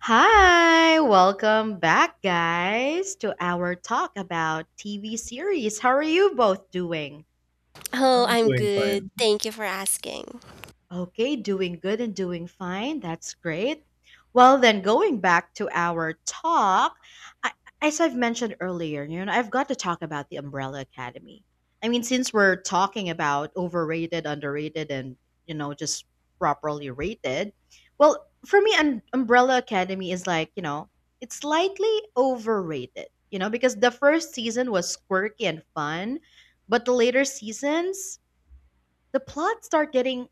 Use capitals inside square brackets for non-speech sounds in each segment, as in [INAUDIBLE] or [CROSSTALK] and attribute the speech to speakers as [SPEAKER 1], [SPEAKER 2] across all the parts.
[SPEAKER 1] Hi, welcome back, guys, to our talk about TV series. How are you both doing?
[SPEAKER 2] Oh,
[SPEAKER 3] I'm
[SPEAKER 2] I'm
[SPEAKER 3] doing
[SPEAKER 2] good.
[SPEAKER 3] fine.
[SPEAKER 2] Thank you for asking.
[SPEAKER 1] Okay, doing good and doing fine. That's great. Well, then going back to our talk, I, as I've mentioned earlier, I've got to talk about the Umbrella Academy. I mean, since we're talking about overrated, underrated, and just properly rated, well, for me, Umbrella Academy is like it's slightly overrated. You know, because the first season was quirky and fun, but the later seasons, the plots start getting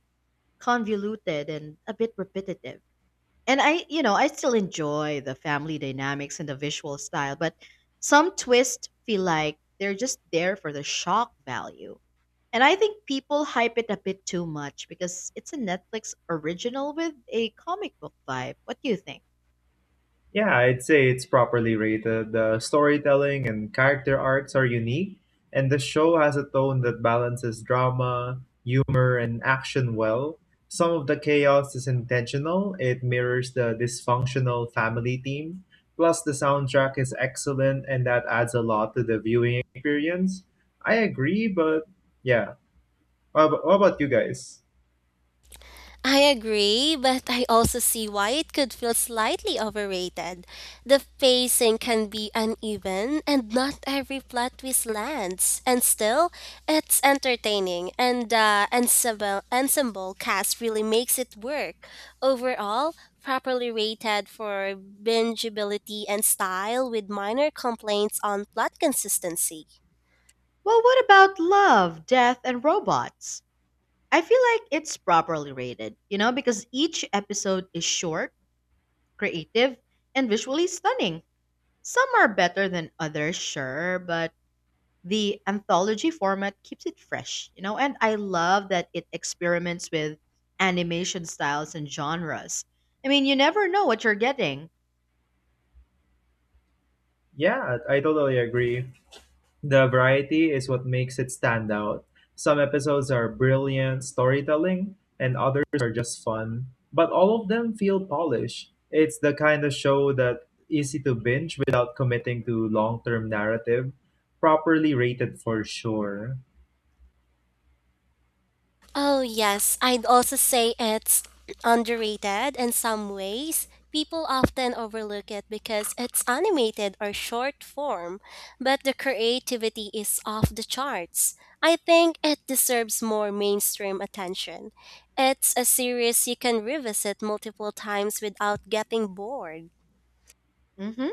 [SPEAKER 1] convoluted and a bit repetitive. And I still enjoy the family dynamics and the visual style, but some twists feel like they're just there for the shock value. And I think people hype it a bit too much because it's a Netflix original with a comic book vibe. What do you think?
[SPEAKER 3] Yeah, I'd say it's properly rated. The storytelling and character arcs are unique, and the show has a tone that balances drama, humor, and action well. Some of the chaos is intentional, it mirrors the dysfunctional family theme. Plus, the soundtrack is excellent, and that adds a lot to the viewing experience. I agree, but yeah. What about you guys?
[SPEAKER 2] I agree, but I also see why it could feel slightly overrated. The pacing can be uneven, and not every plot twist lands. And still, it's entertaining, and the ensemble cast really makes it work. Overall, properly rated for bingeability and style, with minor complaints on plot consistency.
[SPEAKER 1] Well, what about Love, Death, and Robots? I feel like it's properly rated, because each episode is short, creative, and visually stunning. Some are better than others, sure, but the anthology format keeps it fresh, and I love that it experiments with animation styles and genres. I mean, you never know what you're getting.
[SPEAKER 3] Yeah, I totally agree. The variety is what makes it stand out. Some episodes are brilliant storytelling, and others are just fun, but all of them feel polished. It's the kind of show that easy to binge without committing to long-term narrative, properly rated for sure.
[SPEAKER 2] Oh, yes. I'd also say it's underrated in some ways. People often overlook it because it's animated or short form, but the creativity is off the charts. I think it deserves more mainstream attention. It's a series you can revisit multiple times without getting bored.
[SPEAKER 1] hmm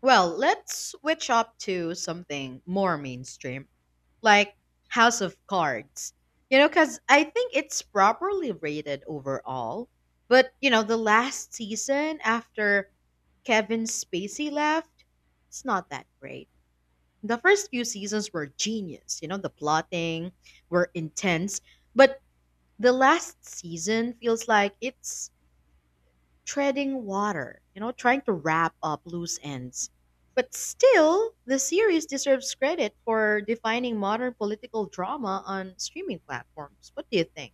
[SPEAKER 1] Well, let's switch up to something more mainstream, like House of Cards, because I think it's properly rated overall. But, the last season after Kevin Spacey left, it's not that great. The first few seasons were genius. You know, the plotting were intense, but the last season feels like it's treading water, trying to wrap up loose ends. But still, the series deserves credit for defining modern political drama on streaming platforms. What do you think?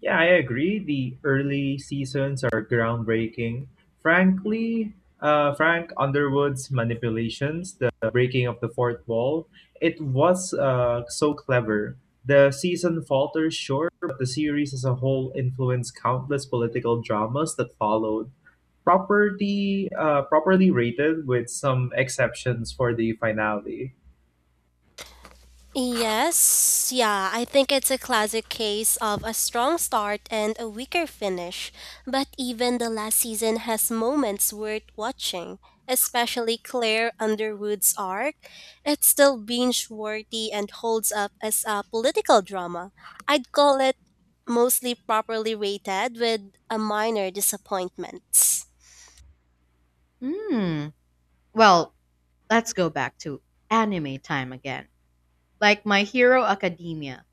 [SPEAKER 3] Yeah, I agree. The early seasons are groundbreaking. Frankly, Frank Underwood's manipulations, the breaking of the fourth wall, it was so clever. The season falters, sure, but the series as a whole influenced countless political dramas that followed. Properly rated, with some exceptions for the finale.
[SPEAKER 2] Yes, yeah, I think it's a classic case of a strong start and a weaker finish. But even the last season has moments worth watching, especially Claire Underwood's arc. It's still binge worthy and holds up as a political drama. I'd call it mostly properly rated with a minor disappointment.
[SPEAKER 1] Hmm. Well, let's go back to anime time again. Like My Hero Academia.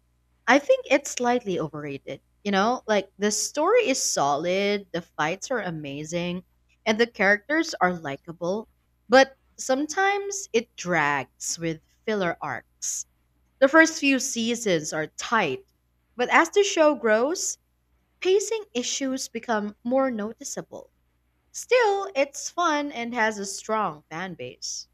[SPEAKER 1] I think it's slightly overrated. You know, like the story is solid, the fights are amazing, and the characters are likable, but sometimes it drags with filler arcs. The first few seasons are tight, but as the show grows, pacing issues become more noticeable. Still, it's fun and has a strong fan base.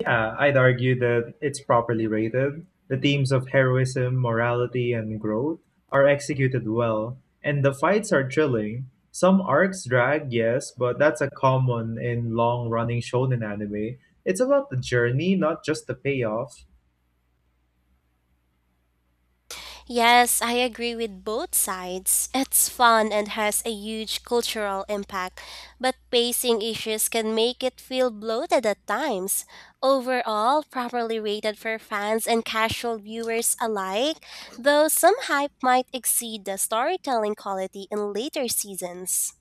[SPEAKER 3] Yeah, I'd argue that it's properly rated. The themes of heroism, morality, and growth are executed well, and the fights are thrilling. Some arcs drag, yes, but that's a common in long running shonen anime. It's about the journey, not just the payoff.
[SPEAKER 2] Yes, I agree with both sides. It's fun and has a huge cultural impact, but pacing issues can make it feel bloated at times. Overall, properly rated for fans and casual viewers alike, though some hype might exceed the storytelling quality in later seasons.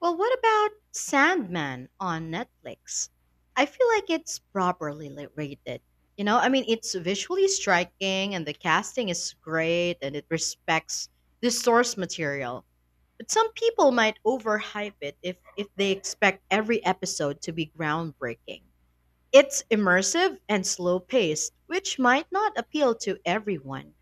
[SPEAKER 1] Well, what about Sandman on Netflix? I feel like it's properly rated. You know, I mean, it's visually striking and the casting is great and it respects the source material. But some people might overhype it if they expect every episode to be groundbreaking. It's immersive and slow paced, which might not appeal to everyone.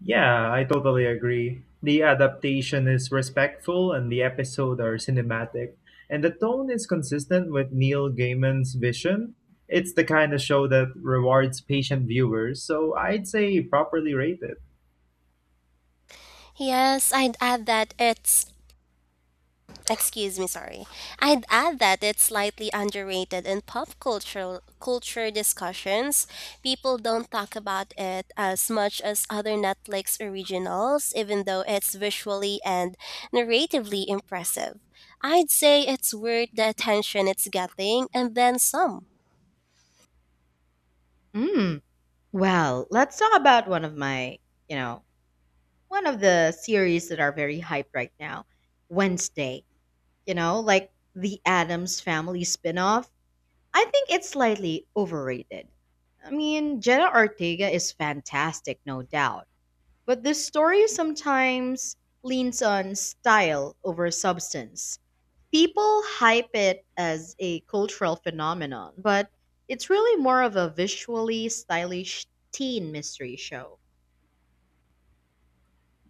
[SPEAKER 3] Yeah, I totally agree. The adaptation is respectful and the episode are cinematic. And the tone is consistent with Neil Gaiman's vision. It's the kind of show that rewards patient viewers, so I'd say properly rated.
[SPEAKER 2] Yes, I'd add that it's excuse me, sorry. I'd add that it's slightly underrated in pop culture discussions. People don't talk about it as much as other Netflix originals, even though it's visually and narratively impressive. I'd say it's worth the attention it's getting and then some.
[SPEAKER 1] Mm, well, let's talk about one of my, you know, one of the series that are very hyped right now, Wednesday. You know, like the Adams Family spinoff. I think it's slightly overrated. I mean, Jenna Ortega is fantastic, no doubt, but this story sometimes leans on style over substance. People hype it as a cultural phenomenon, but it's really more of a visually stylish teen mystery show.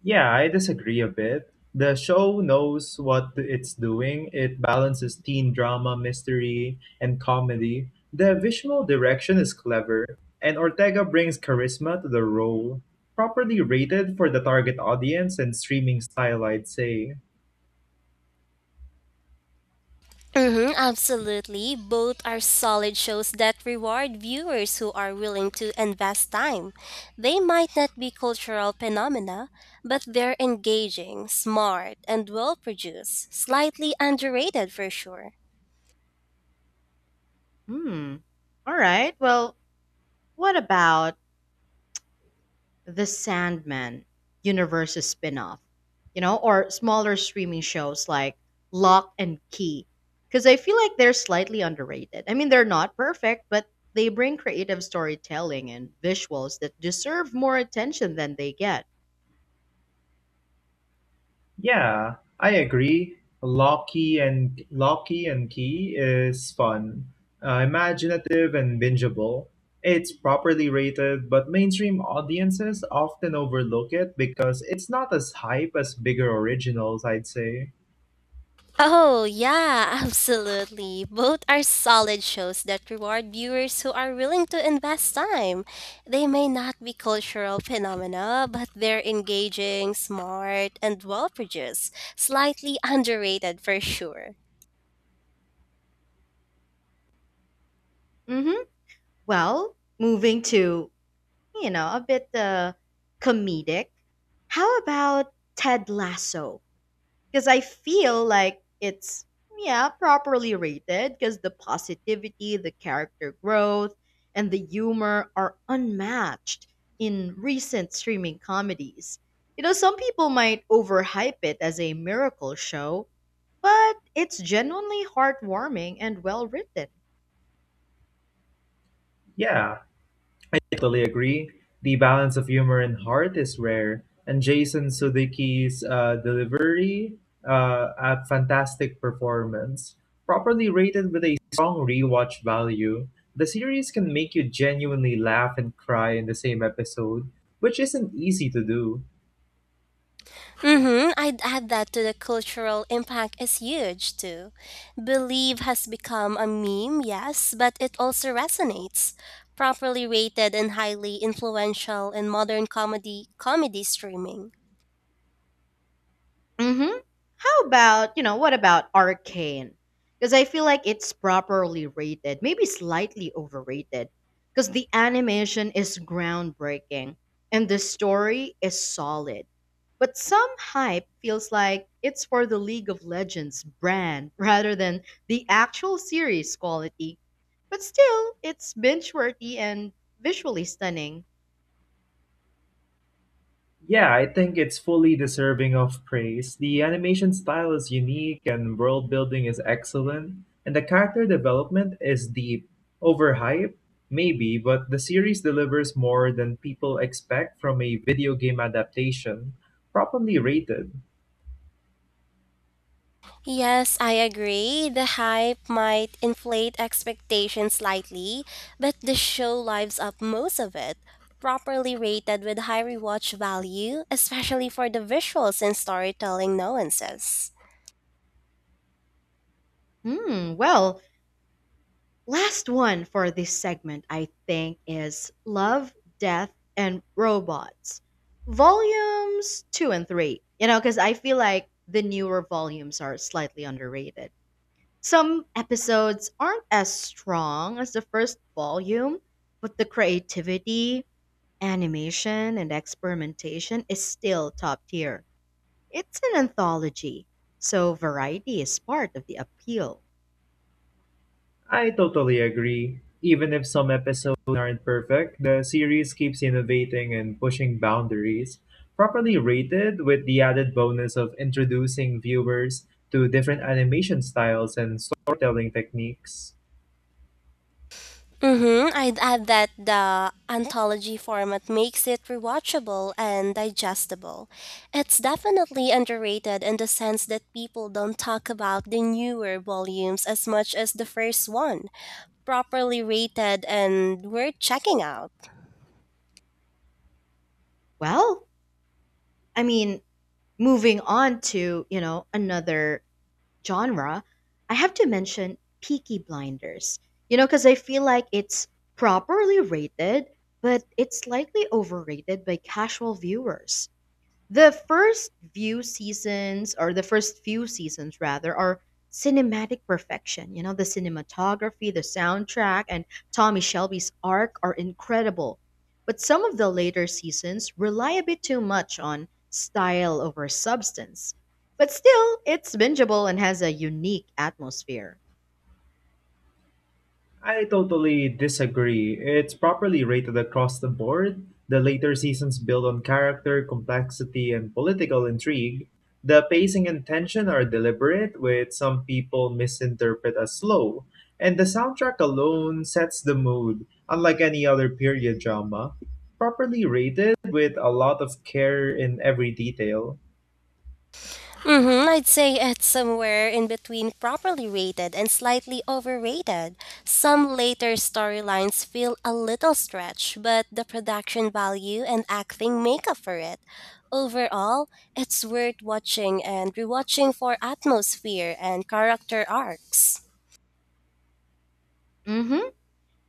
[SPEAKER 3] Yeah, I disagree a bit. The show knows what it's doing. It balances teen drama, mystery, and comedy. The visual direction is clever, and Ortega brings charisma to the role. Properly rated for the target audience and streaming style, I'd say.
[SPEAKER 2] Mm-hmm, absolutely. Both are solid shows that reward viewers who are willing to invest time. They might not be cultural phenomena, but they're engaging, smart, and well produced, slightly underrated for sure.
[SPEAKER 1] Hmm. All right. Well, what about The Sandman Universe's spin-off? You know, or smaller streaming shows like Lock and Key? Because I feel like they're slightly underrated. I mean, they're not perfect, but they bring creative storytelling and visuals that deserve more attention than they get.
[SPEAKER 3] Yeah, I agree. Locky and Key is fun, imaginative and bingeable. It's properly rated, but mainstream audiences often overlook it because it's not as hype as bigger originals, I'd say.
[SPEAKER 2] Oh, yeah, [LAUGHS] absolutely. Both are solid shows that reward viewers who are willing to invest time. They may not be cultural phenomena, but they're engaging, smart, and well produced. Slightly underrated for sure.
[SPEAKER 1] hmm Well, moving to, you know, a bit comedic. How about Ted Lasso? Because I feel like it's yeah properly rated because the positivity, the character growth, and the humor are unmatched in recent streaming comedies. You know, some people might overhype it as a miracle show, but it's genuinely heartwarming and well written.
[SPEAKER 3] Yeah, totally agree. The balance of humor and heart is rare, and Jason Sudeikis' delivery a fantastic performance, properly rated with a strong rewatch value. The series can make you genuinely laugh and cry in the same episode, which isn't easy to do.
[SPEAKER 2] Mm-hmm, I'd add that to the cultural impact is huge too. Believe has become a meme, yes, but it also resonates. Properly rated and highly influential in modern comedy streaming.
[SPEAKER 1] Mm-hmm. How about, what about Arcane? Because I feel like it's properly rated, maybe slightly overrated, because the animation is groundbreaking and the story is solid. But some hype feels like it's for the League of Legends brand [LAUGHS] rather than the actual series quality. But still, it's binge worthy and visually stunning.
[SPEAKER 3] Yeah, I think it's fully deserving of praise. The animation style is unique and world building is excellent, and the character development is deep. Overhyped, maybe, but the series delivers more than people expect from a video game adaptation, properly rated.
[SPEAKER 2] Yes, I agree. The hype might inflate expectations slightly, but the show lives up most of it. Properly rated with high rewatch value, especially for the visuals and storytelling nuances.
[SPEAKER 1] Hmm, well, last one for this segment, I think, is Love, Death, and Robots, volumes two and three. You know, because I feel like the newer volumes are slightly underrated. Some episodes aren't as strong as the first volume, but the creativity, animation, and experimentation is still top tier. It's an anthology, so variety is part of the appeal.
[SPEAKER 3] I totally agree. Even if some episodes aren't perfect, the series keeps innovating and pushing boundaries, properly rated with the added bonus of introducing viewers to different animation styles and storytelling techniques.
[SPEAKER 2] Mm-hmm. I'd add that the anthology format makes it rewatchable and digestible. It's definitely underrated in the sense that people don't talk about the newer volumes as much as the first one. Properly rated and worth checking out.
[SPEAKER 1] Well, I mean, moving on to, another genre, I have to mention Peaky Blinders. You know, because I feel like it's properly rated, but it's slightly overrated by casual viewers. The first few seasons rather, are cinematic perfection. You know, the cinematography, the soundtrack, and Tommy Shelby's arc are incredible. But some of the later seasons rely a bit too much on style over substance. But still, it's bingeable and has a unique atmosphere.
[SPEAKER 3] I totally disagree. It's properly rated across the board. The later seasons build on character, complexity, and political intrigue. The pacing and tension are deliberate, which some people misinterpret as slow. And the soundtrack alone sets the mood, unlike any other period drama. Properly rated, with a lot of care in every detail.
[SPEAKER 2] Mm-hmm, I'd say it's somewhere in between properly rated and slightly overrated. Some later storylines feel a little stretched, but the production value and acting make up for it. Overall, it's worth watching and rewatching for atmosphere and character arcs.
[SPEAKER 1] hmm.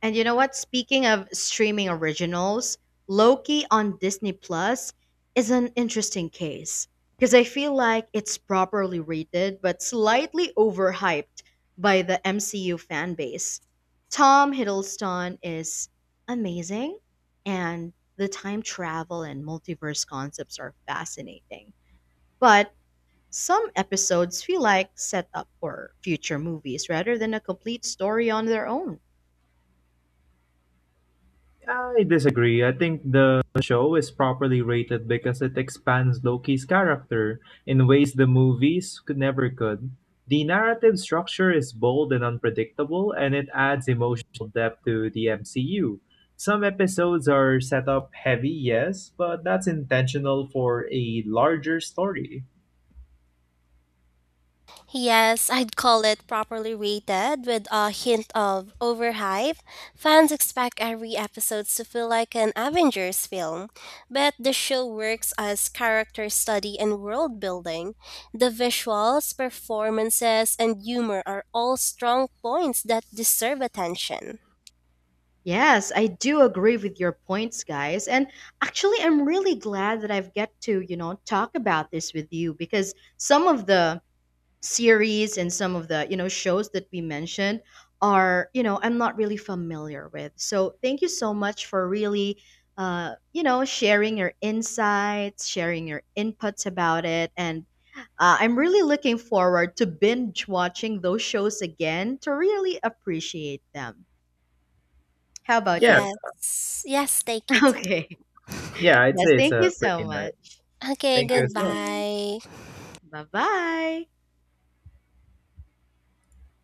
[SPEAKER 1] And you know what? Speaking of streaming originals, Loki on Disney Plus is an interesting case because I feel like it's properly rated but slightly overhyped by the MCU fan base. Tom Hiddleston is amazing, and the time travel and multiverse concepts are fascinating. But some episodes feel like set up for future movies rather than a complete story on their own.
[SPEAKER 3] I disagree. I think the show is properly rated because it expands Loki's character in ways the movies could never could. The narrative structure is bold and unpredictable, and it adds emotional depth to the MCU. Some episodes are set up heavy, yes, but that's intentional for a larger story.
[SPEAKER 2] Yes, I'd call it properly rated with a hint of overhype. Fans expect every episode to feel like an Avengers film, but the show works as character study and world building. The visuals, performances, and humor are all strong points that deserve attention.
[SPEAKER 1] Yes, I do agree with your points, guys. And actually, I'm really glad that I've get to, talk about this with you because some of the series and some of the, shows that we mentioned are, I'm not really familiar with. So thank you so much for really, sharing your insights, sharing your inputs about it. And I'm really looking forward to binge watching those shows again to really appreciate them. How about
[SPEAKER 3] Yeah,
[SPEAKER 1] you?
[SPEAKER 2] Yes, yes, thank you
[SPEAKER 1] [LAUGHS]
[SPEAKER 2] too.
[SPEAKER 1] Okay.
[SPEAKER 3] yeah, I'd
[SPEAKER 1] Yes,
[SPEAKER 3] say it's
[SPEAKER 1] thank
[SPEAKER 3] a
[SPEAKER 1] you so
[SPEAKER 3] pretty nice.
[SPEAKER 1] much.
[SPEAKER 2] Okay,
[SPEAKER 3] Thank you as well.
[SPEAKER 1] Okay.
[SPEAKER 2] goodbye.
[SPEAKER 1] Bye-bye.